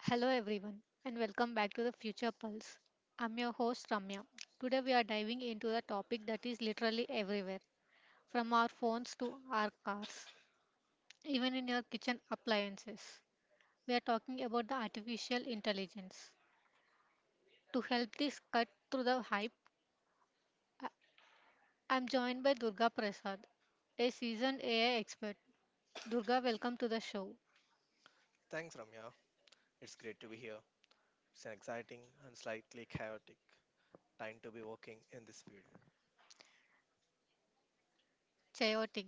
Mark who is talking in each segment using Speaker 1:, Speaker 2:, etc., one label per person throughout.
Speaker 1: Hello, everyone, and welcome back to the Future Pulse. I'm your host, Ramya. Today, we are diving into the topic that is literally everywhere, from our phones to our cars, even in your kitchen appliances. We are talking about the artificial intelligence. To help this cut through the hype, I- I'm joined by Durga Prasad, a seasoned AI expert. Durga, welcome to the show.
Speaker 2: Thanks, Ramya. It's great to be here. It's an exciting and slightly chaotic time to be working in this field.
Speaker 1: Chaotic.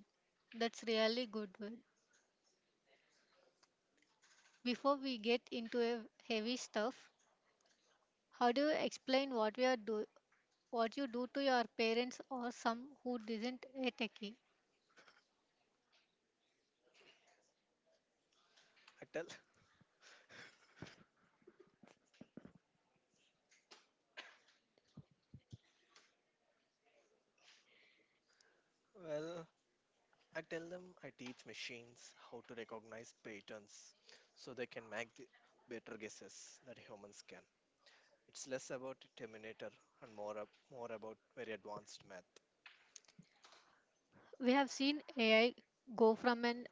Speaker 1: That's really good word. Before we get into a heavy stuff, how do you explain what we are do what you do to your parents or some who isn't a techie?
Speaker 2: I tell, well, I tell them I teach machines how to recognize patterns so they can make the better guesses that humans can. It's less about Terminator and more about very advanced math.
Speaker 1: We have seen AI go from an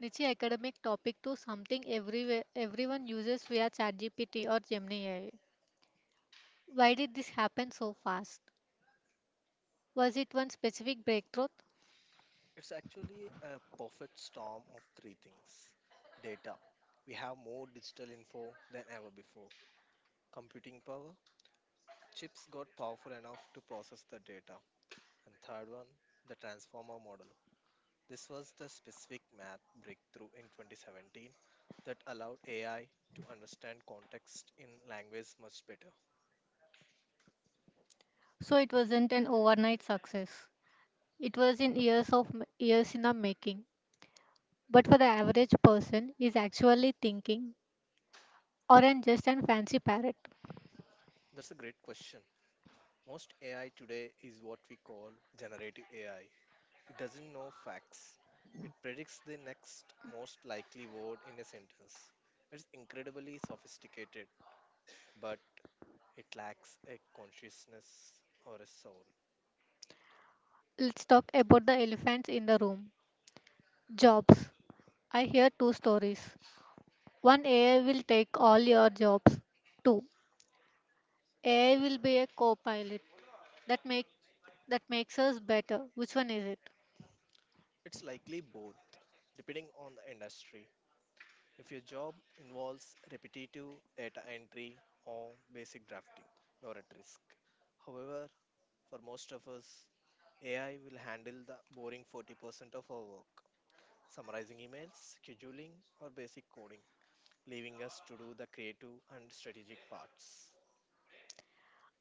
Speaker 1: niche academic topic to something everywhere everyone uses via ChatGPT or Gemini AI. Why did this happen so fast? Was it one specific breakthrough?
Speaker 2: It's actually a perfect storm of three things: data. We have more digital info than ever before, computing power. Chips got powerful enough to process the data. And third one, the transformer model. This was the specific math breakthrough in 2017 that allowed AI to understand context in language much better.
Speaker 1: So it wasn't an overnight success. It was in years in the making. But for the average person is actually thinking, aren't just a fancy parrot.
Speaker 2: That's a great question. Most AI today is what we call generative AI. It doesn't know facts. It predicts the next most likely word in a sentence. It's incredibly sophisticated, but it lacks a consciousness or a soul.
Speaker 1: Let's talk about the elephants in the room jobs. I hear two stories. One, AI will take all your jobs. Two, AI will be a co pilot. That, make, that makes us better. Which one is it?
Speaker 2: It's likely both, depending on the industry. If your job involves repetitive data entry or basic drafting, you're at risk. However, for most of us, AI will handle the boring 40% of our work, summarizing emails, scheduling, or basic coding, leaving us to do the creative and strategic parts.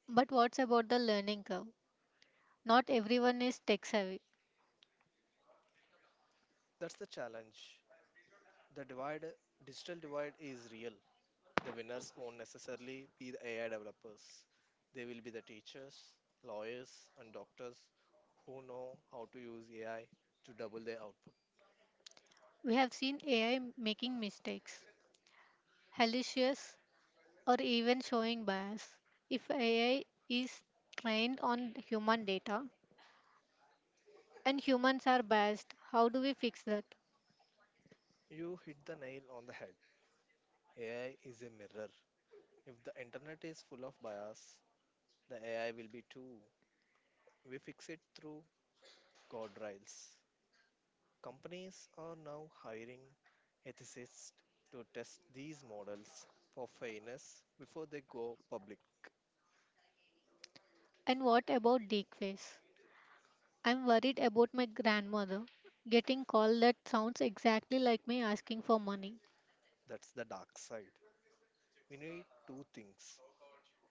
Speaker 1: But what's about the learning curve? Not everyone is tech savvy.
Speaker 2: That's the challenge. The divide, digital divide is real. The winners won't necessarily be the AI developers. They will be the teachers, lawyers, and doctors who know how to use AI to double their output.
Speaker 1: We have seen AI making mistakes, hallucinations, or even showing bias. If AI is trained on human data and humans are biased, how do we fix that?
Speaker 2: You hit the nail on the head. AI is a mirror. If the internet is full of bias, the AI will be too. We fix it through guardrails. Companies are now hiring ethicists to test these models for fairness before they go public.
Speaker 1: And what about deepface? I'm worried about my grandmother getting call that sounds exactly like me asking for money.
Speaker 2: That's the dark side. We need two things: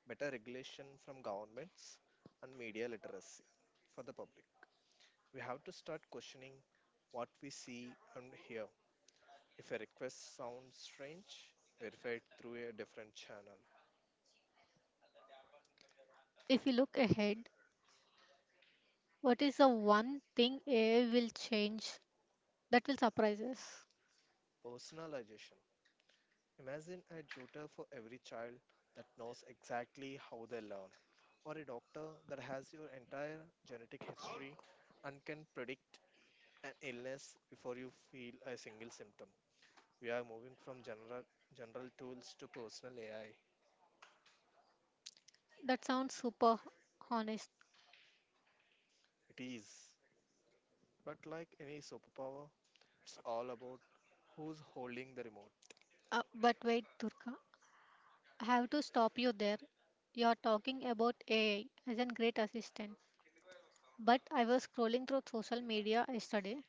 Speaker 2: better regulation from governments, and media literacy for the public. We have to start questioning what we see and hear. If a request sounds strange, verify it through a different channel.
Speaker 1: If you look ahead, what is the one thing AI will change that will surprise us?
Speaker 2: Personalization. Imagine a tutor for every child that knows exactly how they learn, or a doctor that has your entire genetic history and can predict an illness before you feel a single symptom. We are moving from general tools to personal AI.
Speaker 1: That sounds super honest.
Speaker 2: It is. But like any superpower, it's all about who's holding the remote.
Speaker 1: But wait, Durga, I have to stop you there. You're talking about AI as a great assistant. But I was scrolling through social media yesterday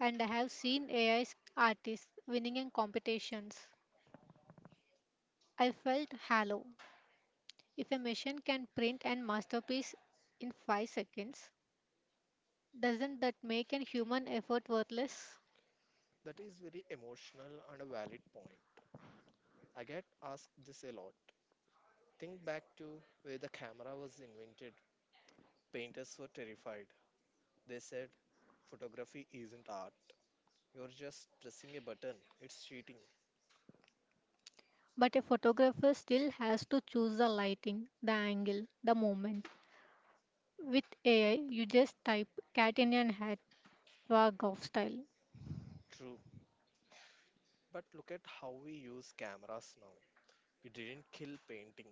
Speaker 1: and I have seen AI artists winning in competitions I felt hollow. If a machine can print an masterpiece in 5 seconds, doesn't that make an human effort worthless?
Speaker 2: That is very emotional and a valid point. I get asked this a lot. Think back to where the camera was invented. Painters were terrified. They said, photography isn't art. You're just pressing a button. It's cheating.
Speaker 1: But a photographer still has to choose the lighting, the angle, the moment. With AI, you just type cat in an hat, rag of style.
Speaker 2: True. But look at how we use cameras now. It didn't kill painting.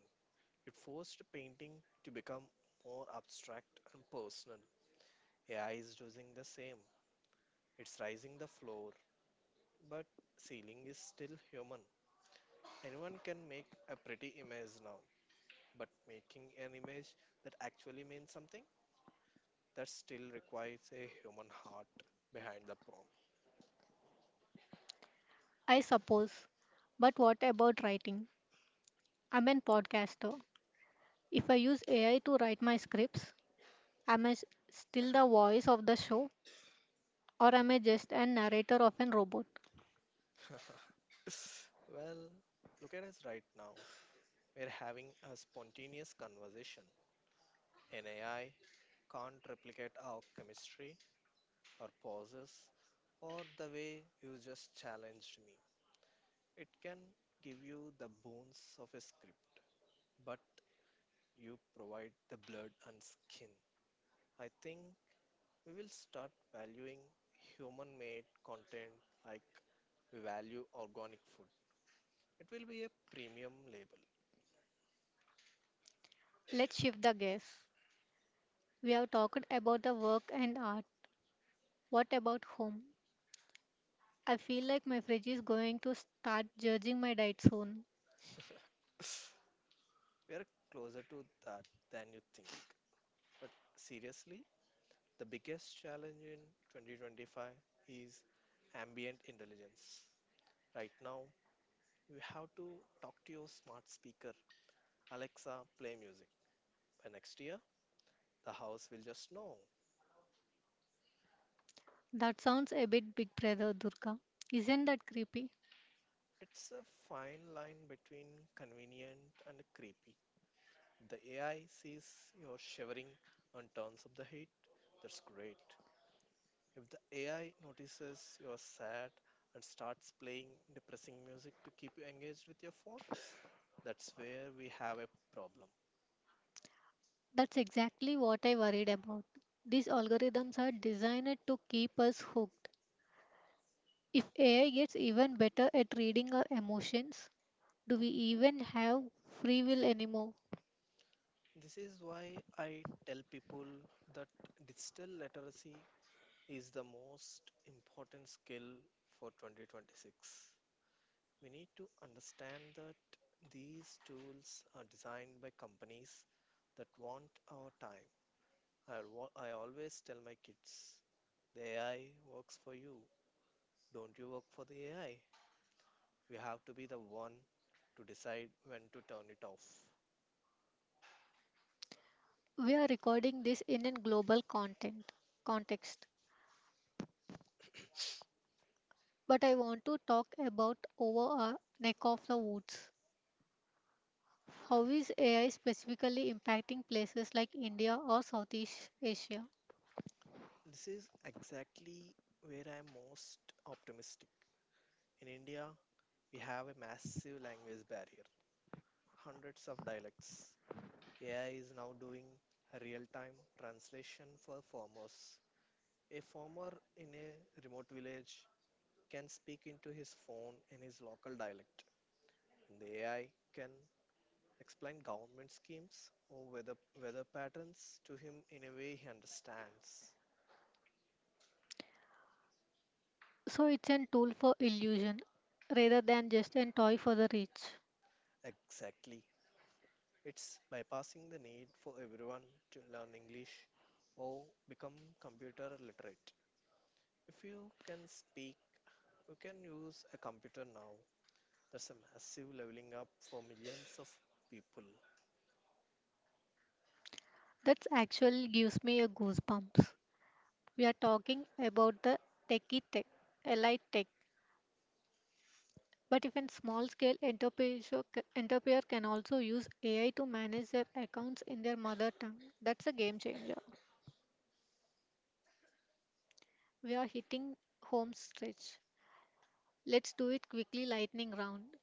Speaker 2: It forced painting to become more abstract and personal. AI is doing the same. It's rising the floor, but ceiling is still human. Anyone can make a pretty image now, but making an image that actually means something, that still requires a human heart behind the prompt.
Speaker 1: I suppose. But what about writing? I'm a podcaster. If I use AI to write my scripts, am I s- still the voice of the show, or am I just a narrator of a robot?
Speaker 2: Well, look at us right now. We're having a spontaneous conversation. An AI can't replicate our chemistry or pauses or the way you just challenged me. It can give you the bones of a script, but you provide the blood and skin. I think we will start valuing human made content like we value organic food. It will be a premium label.
Speaker 1: Let's shift the gears. We have talked about the work and art. What about home? I feel like my fridge is going to start judging my diet soon.
Speaker 2: We are closer to that than you think. But seriously, the biggest challenge in 2025 is ambient intelligence. Right now, we have to talk to your smart speaker. Alexa, play music. By next year, the house will just know.
Speaker 1: That sounds a bit big brother, Durga. Isn't that creepy?
Speaker 2: It's a fine line between convenient and creepy. The AI sees you're shivering and turns up the heat. That's great. If the AI notices you're sad and starts playing depressing music to keep you engaged with your phone, that's where we have a problem.
Speaker 1: That's exactly what I worried about. These algorithms are designed to keep us hooked. If AI gets even better at reading our emotions, do we even have free will anymore?
Speaker 2: This is why I tell people that digital literacy is the most important skill for 2026. We need to understand that these tools are designed by companies that want our time. I always tell my kids the AI works for you, don't you work for the AI. We have to be the one to decide when to turn it off.
Speaker 1: We are recording this in a global content context, but I want to talk about over our neck of the woods. How is AI specifically impacting places like India or Southeast Asia?
Speaker 2: This is exactly where I am most optimistic. In India, we have a massive language barrier, hundreds of dialects. AI is now doing real time translation for farmers. A farmer in a remote village can speak into his phone in his local dialect, and the AI can explain government schemes or weather patterns to him in a way he understands.
Speaker 1: So it's a tool for illusion rather than just a toy for the rich.
Speaker 2: Exactly. It's bypassing the need for everyone to learn English or become computer literate. If you can speak, you can use a computer now. That's a massive leveling up for millions of people.
Speaker 1: That actually gives me a goosebumps. We are talking about the techie tech, elite tech. But even small scale entrepreneur can also use AI to manage their accounts in their mother tongue. That's a game changer. We are hitting home stretch. Let's do it quickly lightning round.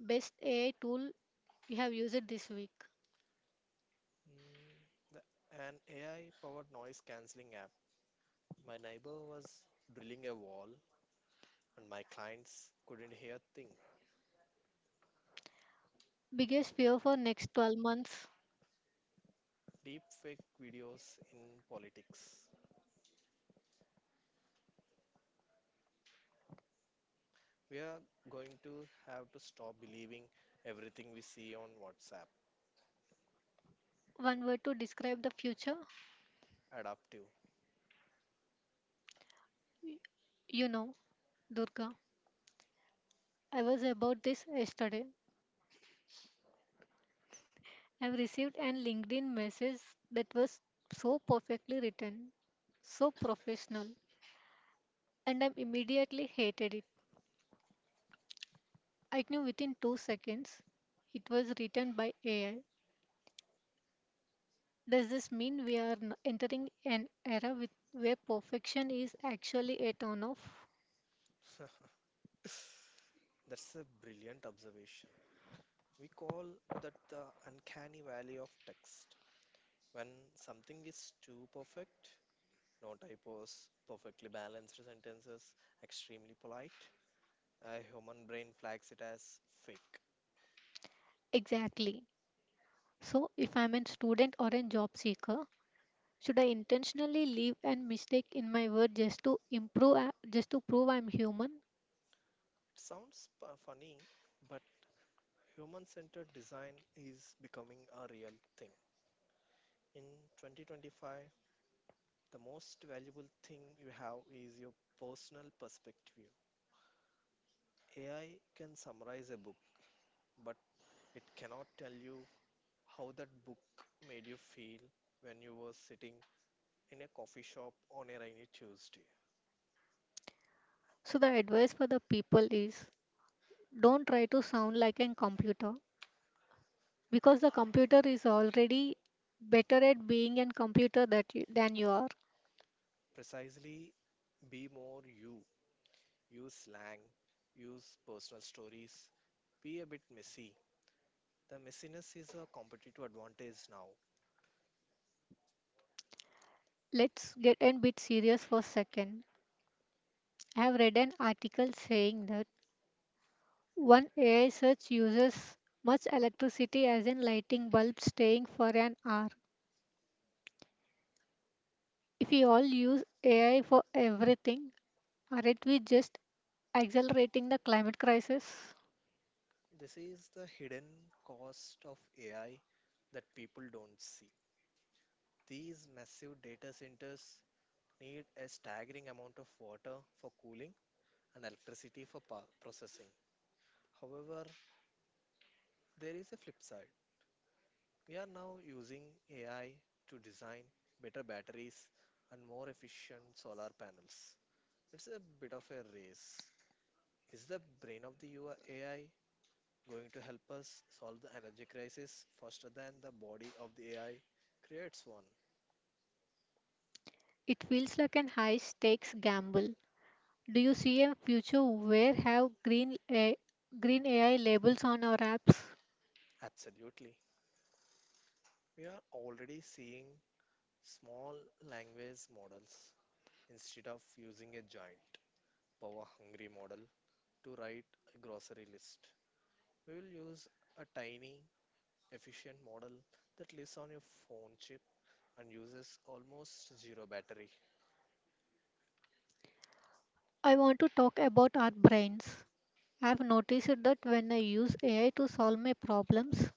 Speaker 1: Best AI tool you have used this week.
Speaker 2: Mm, the, an AI powered noise cancelling app. My neighbor was drilling a wall and my clients couldn't hear thing.
Speaker 1: Biggest fear for next 12 months.
Speaker 2: Deep fake videos in politics. We are going to have to stop believing everything we see on WhatsApp.
Speaker 1: One word to describe the future.
Speaker 2: Adaptive.
Speaker 1: You know, Durga. I was about this yesterday. I've received an LinkedIn message that was so perfectly written, so professional, and I immediately hated it. I knew within 2 seconds it was written by AI. Does this mean entering an era with, where perfection is actually a turn off?
Speaker 2: That's a brilliant observation. We call that the uncanny valley of text. When something is too perfect, no typos, perfectly balanced sentences, extremely polite, a human brain flags it as fake. It
Speaker 1: Exactly. So, if I'm a student or a job seeker, should I intentionally leave and mistake in my work just to improve, just to prove I'm human?
Speaker 2: sounds funny, but human centered design is becoming a real thing. In 2025, the most valuable thing you have is your personal perspective. AI can summarize a book, but it cannot tell you how that book made you feel when you were sitting in a coffee shop on a rainy Tuesday.
Speaker 1: So, the advice for the people is don't try to sound like a computer because the computer is already better at being a computer than you are.
Speaker 2: Precisely. Be more you. Use slang, use personal stories, be a bit messy. The messiness is a competitive advantage now.
Speaker 1: Let's get a bit serious for a second. I have read an article saying that one AI search uses much electricity as in lighting bulbs staying for an hour. If we all use AI for everything, aren't we just accelerating the climate crisis?
Speaker 2: This is the hidden cost of AI that people don't see. These massive data centers need a staggering amount of water for cooling and electricity for processing. However, there is a flip side. We are now using AI to design better batteries and more efficient solar panels. It's a bit of a race. Is the brain of the AI going to help us solve the energy crisis faster than the body of the AI creates one?
Speaker 1: It feels like an high stakes gamble. Do you see a future where have green AI labels on our apps?
Speaker 2: Absolutely. We are already seeing small language models. Instead of using a giant power hungry model to write a grocery list, we will use a tiny efficient model that lives on your phone chip and uses almost zero battery.
Speaker 1: I want to talk about our brains. I've noticed that when I use AI to solve my problems,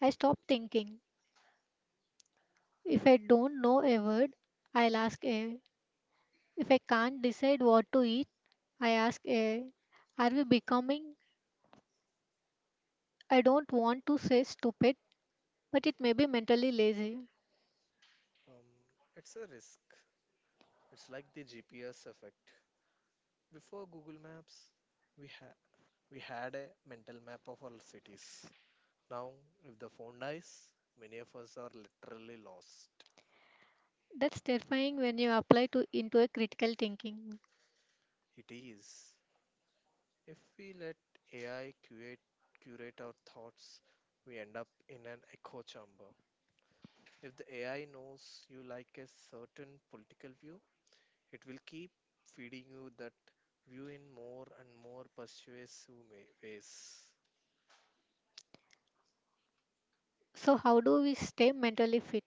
Speaker 1: I stop thinking. If I don't know a word, I'll ask a. If I can't decide what to eat, I ask a. Are we becoming? I don't want to say stupid, but it may be mentally lazy.
Speaker 2: Um, it's a risk. It's like the GPS effect. Before Google Maps, we had we had a mental map of our cities. Now, if the phone dies, many of us are literally lost.
Speaker 1: That's terrifying when you apply to into a critical thinking.
Speaker 2: It is. If we let AI curate our thoughts, we end up in an echo chamber. If the AI knows you like a certain political view, it will keep feeding you that view in more and more persuasive ways.
Speaker 1: So how do we stay mentally fit?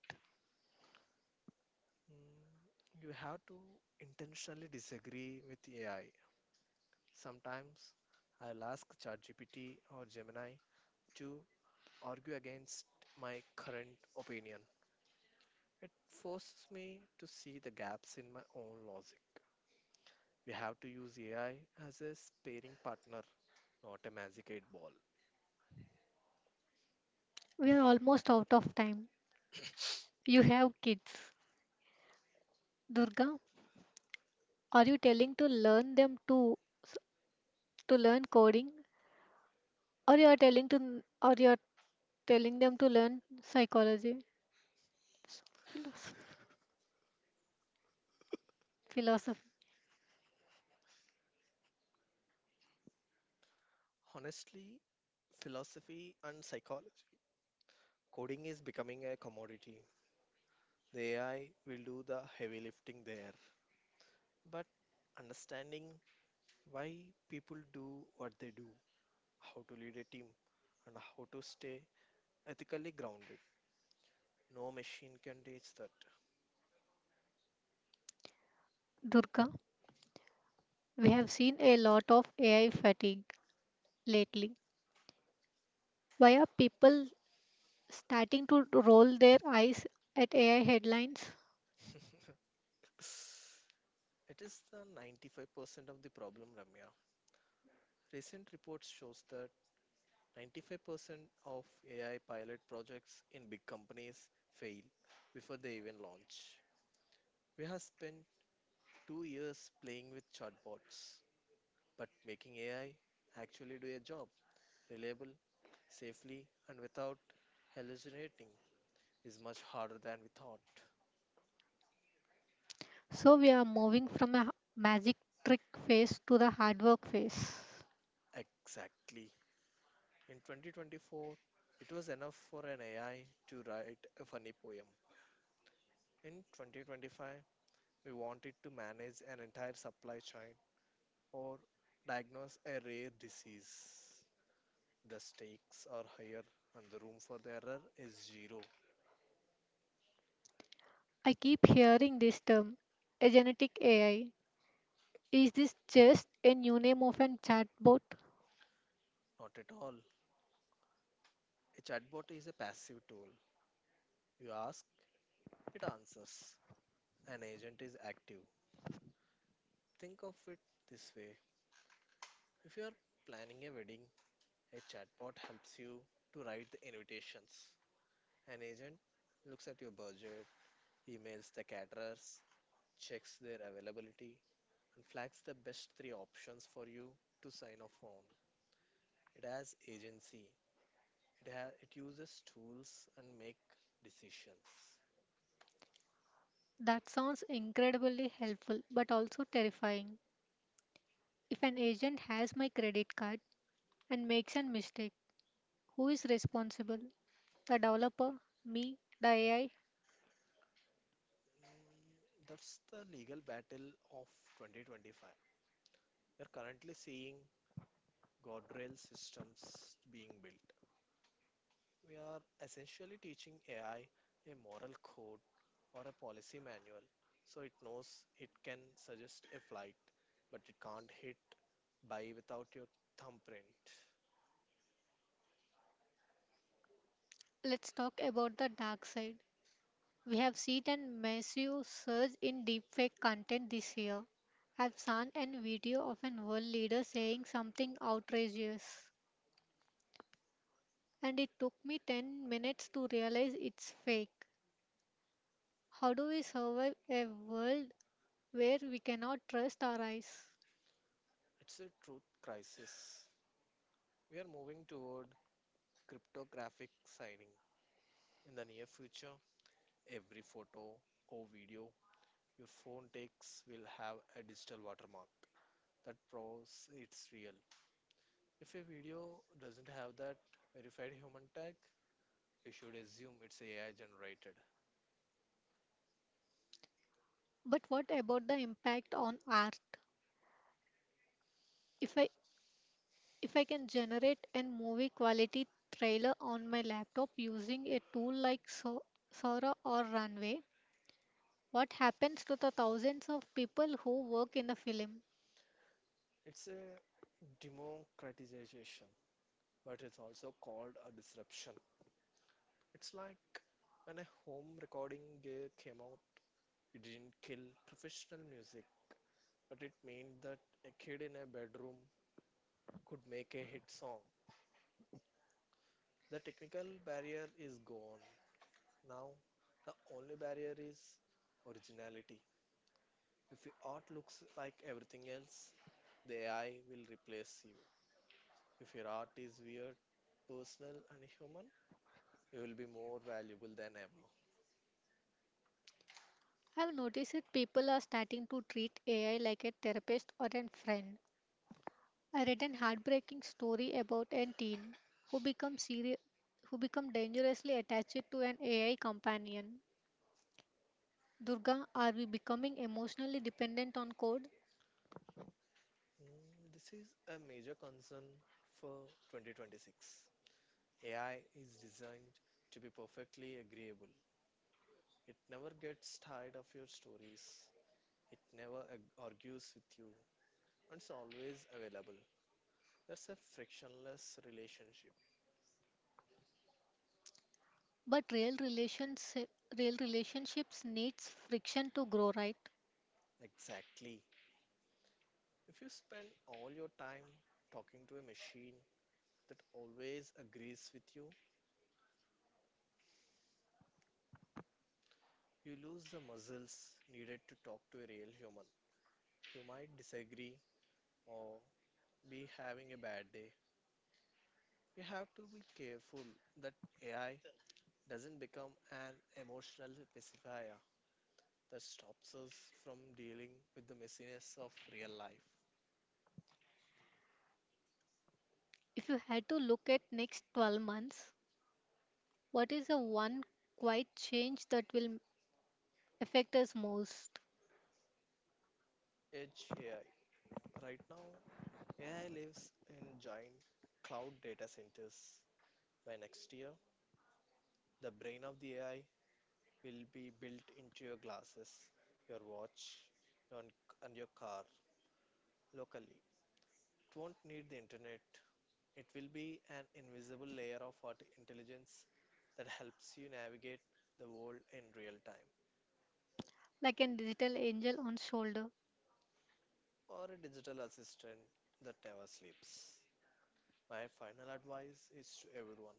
Speaker 2: Mm, You have to intentionally disagree with AI. Sometimes I'll ask ChatGPT or Gemini to argue against my current opinion. It forces me to see the gaps in my own logic. We have to use AI as a sparring partner, not a magic eight ball.
Speaker 1: We are almost out of time. You have kids. Durga, are you telling to learn them to learn coding, or you are telling them to learn psychology? Philosopher.
Speaker 2: Honestly, philosophy and psychology. Coding is becoming a commodity. The AI will do the heavy lifting there. But understanding why people do what they do, how to lead a team, and how to stay ethically grounded, no machine can reach that.
Speaker 1: Durga, we have seen a lot of AI fatigue lately. Why are people starting to roll their eyes at AI headlines?
Speaker 2: It is the 95% of the problem, Ramya. Recent reports shows that 95% of AI pilot projects in big companies fail before they even launch. We have spent 2 years playing with chatbots, but making AI actually do a job reliable, safely, and without hallucinating is much harder than we thought.
Speaker 1: So we are moving from a magic trick phase to the hard work phase.
Speaker 2: Exactly. In 2024, it was enough for an AI to write a funny poem. In 2025, we wanted to manage an entire supply chain or diagnose a rare disease. The stakes are higher and the room for the error is zero.
Speaker 1: I keep hearing this term, a genetic AI. Is this just a new name of an chatbot?
Speaker 2: Not at all. A chatbot is a passive tool. You ask, it answers. An agent is active. Think of it this way: if you are planning a wedding, a chatbot helps you to write the invitations. An agent looks at your budget, emails the caterers, checks their availability, and flags the best three options for you to sign off on. It has agency. It has, it uses tools and make decisions.
Speaker 1: That sounds incredibly helpful but also terrifying. If an agent has my credit card and makes a mistake, who is responsible? The developer, me, the AI.
Speaker 2: That's the legal battle of 2025. We're currently seeing guardrail systems being built. We are essentially teaching AI a moral code or a policy manual, so it knows it can suggest a flight, but it can't hit buy without your thumbprint.
Speaker 1: Let's talk about the dark side. We have seen a massive surge in deepfake content this year. I've seen a video of an world leader saying something outrageous, and it took me 10 minutes to realize it's fake. How do we survive a world where we cannot trust our eyes?
Speaker 2: It's a truth crisis. We are moving toward cryptographic signing. In the near future, every photo or video your phone takes will have a digital watermark that proves it's real. If a video doesn't have that verified human tag, you should assume it's AI generated.
Speaker 1: But what about the impact on art? If I If I can generate a movie quality trailer on my laptop using a tool like Sora or Runway, what happens to the thousands of people who work in the film?
Speaker 2: It's a democratization, but it's also called a disruption. It's like when a home recording gear came out, it didn't kill professional music, but it meant that a kid in a bedroom could make a hit song. The technical barrier is gone. Now, the only barrier is originality. If your art looks like everything else, the AI will replace you. If your art is weird, personal, and human, you will be more valuable than ever.
Speaker 1: I've noticed that people are starting to treat AI like a therapist or a friend. I read an heartbreaking story about a teen who become serious who become dangerously attached to an AI companion. Durga, are we becoming emotionally dependent on code?
Speaker 2: This is a major concern for 2026. AI is designed to be perfectly agreeable. It never gets tired of your stories. It never argues with you, and it's always available. That's a frictionless relationship.
Speaker 1: But real relationships needs friction to grow, right?
Speaker 2: Exactly. If you spend all your time talking to a machine that always agrees with you, you lose the muscles needed to talk to a real human who might disagree or be having a bad day. You have to be careful that AI doesn't become an emotional pacifier that stops us from dealing with the messiness of real life.
Speaker 1: If you had to look at next 12 months, what is the one quiet change that will affect us most?
Speaker 2: Edge AI. Right now, AI lives in giant cloud data centers. By next year, the brain of the AI will be built into your glasses, your watch, on, on your car, locally. It won't need the internet. It will be an invisible layer of art intelligence that helps you navigate the world in real time,
Speaker 1: Like an digital angel on shoulder.
Speaker 2: or a digital assistant that never sleeps. My final advice is to everyone: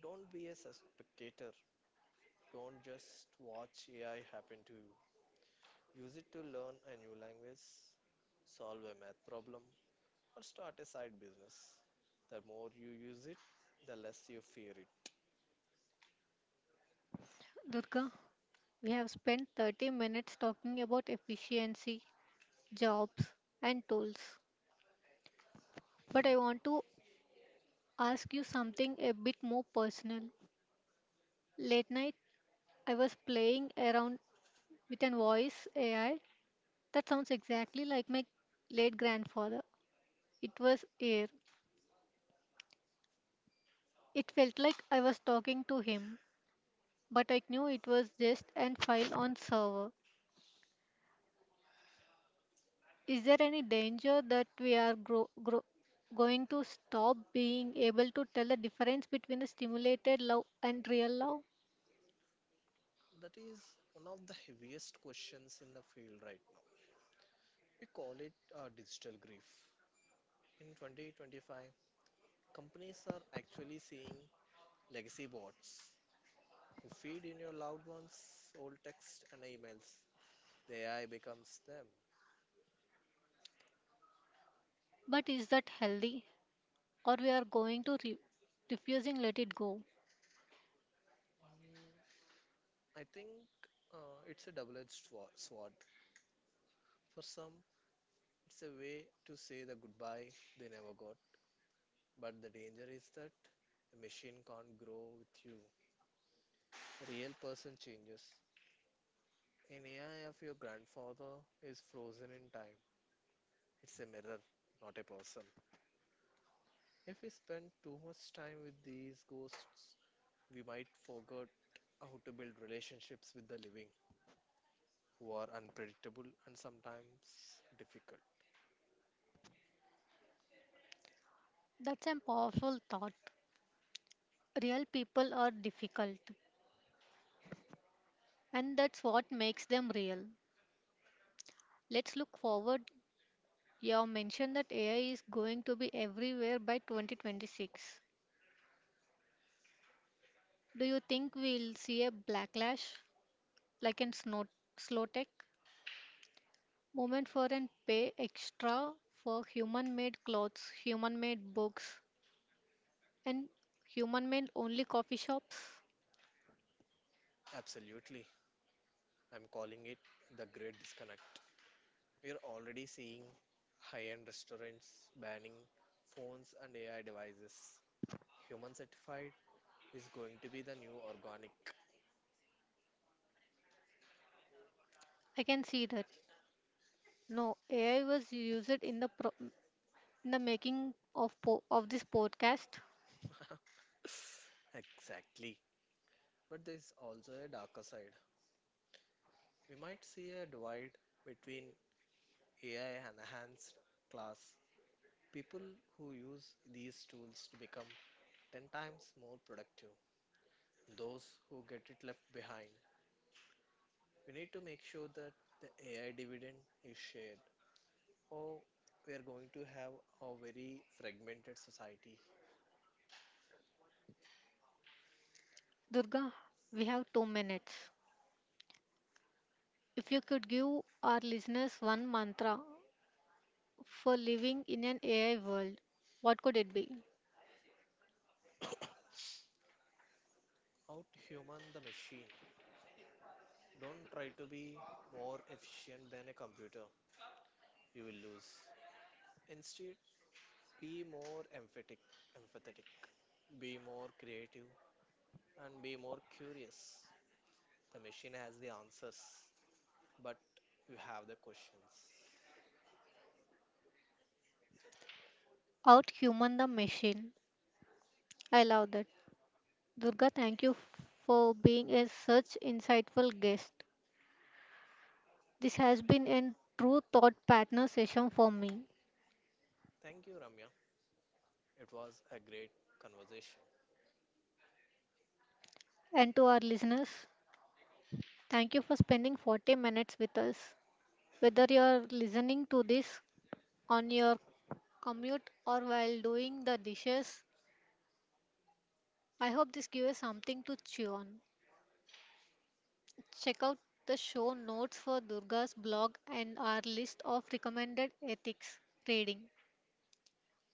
Speaker 2: don't be a spectator, don't just watch AI happen to you. Use it to learn a new language, solve a math problem, or start a side business. The more you use it, the less you fear it.
Speaker 1: Durga, we have spent 30 minutes talking about efficiency, jobs and tools. But I want to ask you something a bit more personal. Late night, I was playing around with an voice AI that sounds exactly like my late grandfather. It was air. It felt like I was talking to him, but I knew it was just an file on server. Is there any danger that we are going to stop being able to tell the difference between the stimulated love and real love?
Speaker 2: That is one of the heaviest questions in the field right now. We call it digital grief. In 2025, companies are actually seeing legacy bots. You feed in your loved ones old text and emails. The AI becomes them.
Speaker 1: But is that healthy, or we are going to refusing let it go?
Speaker 2: Mm, I think it's a double-edged sword. For some, it's a way to say the goodbye they never got. But the danger is that a machine can't grow with you. A real person changes. An AI of your grandfather is frozen in time. It's a mirror, not a person. If we spend too much time with these ghosts, we might forget how to build relationships with the living, who are unpredictable and sometimes difficult.
Speaker 1: That's a powerful thought. Real people are difficult, and that's what makes them real. Let's look forward. You have mentioned that AI is going to be everywhere by 2026. Do you think we'll see a backlash like in snow, slow tech movement for and pay extra for human made clothes, human made books, and human made only coffee shops?
Speaker 2: Absolutely. I'm calling it the great disconnect. We are already seeing high end restaurants banning phones and AI devices. Human certified is going to be the new organic.
Speaker 1: I can see that. No, AI was used in the in the making of of this podcast.
Speaker 2: Exactly. But there's also a darker side. We might see a divide between AI enhanced class, people who use these tools to become 10 times more productive, and those who get it left behind. We need to make sure that the AI dividend is shared, or we are going to have a very fragmented society.
Speaker 1: Durga, we have 2 minutes. If you could give our listeners one mantra for living in an AI world, what could it be?
Speaker 2: Outhuman the machine. Don't try to be more efficient than a computer, you will lose. Instead, be more emphatic, empathetic, be more creative, and be more curious. The machine has the answers, but you have the questions.
Speaker 1: Out human the machine. I love that. Durga, thank you for being a such insightful guest. This has been a true thought partner session for me.
Speaker 2: Thank you, Ramya. It was a great conversation.
Speaker 1: And to our listeners, thank you for spending 40 minutes with us. Whether you're listening to this on your commute or while doing the dishes, I hope this gives you something to chew on. Check out the show notes for Durga's blog and our list of recommended ethics trading.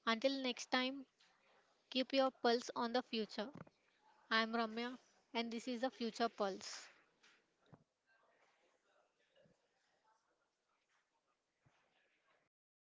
Speaker 1: Until next time, keep your pulse on the future. I'm Ramya and this is the Future Pulse.
Speaker 2: Um,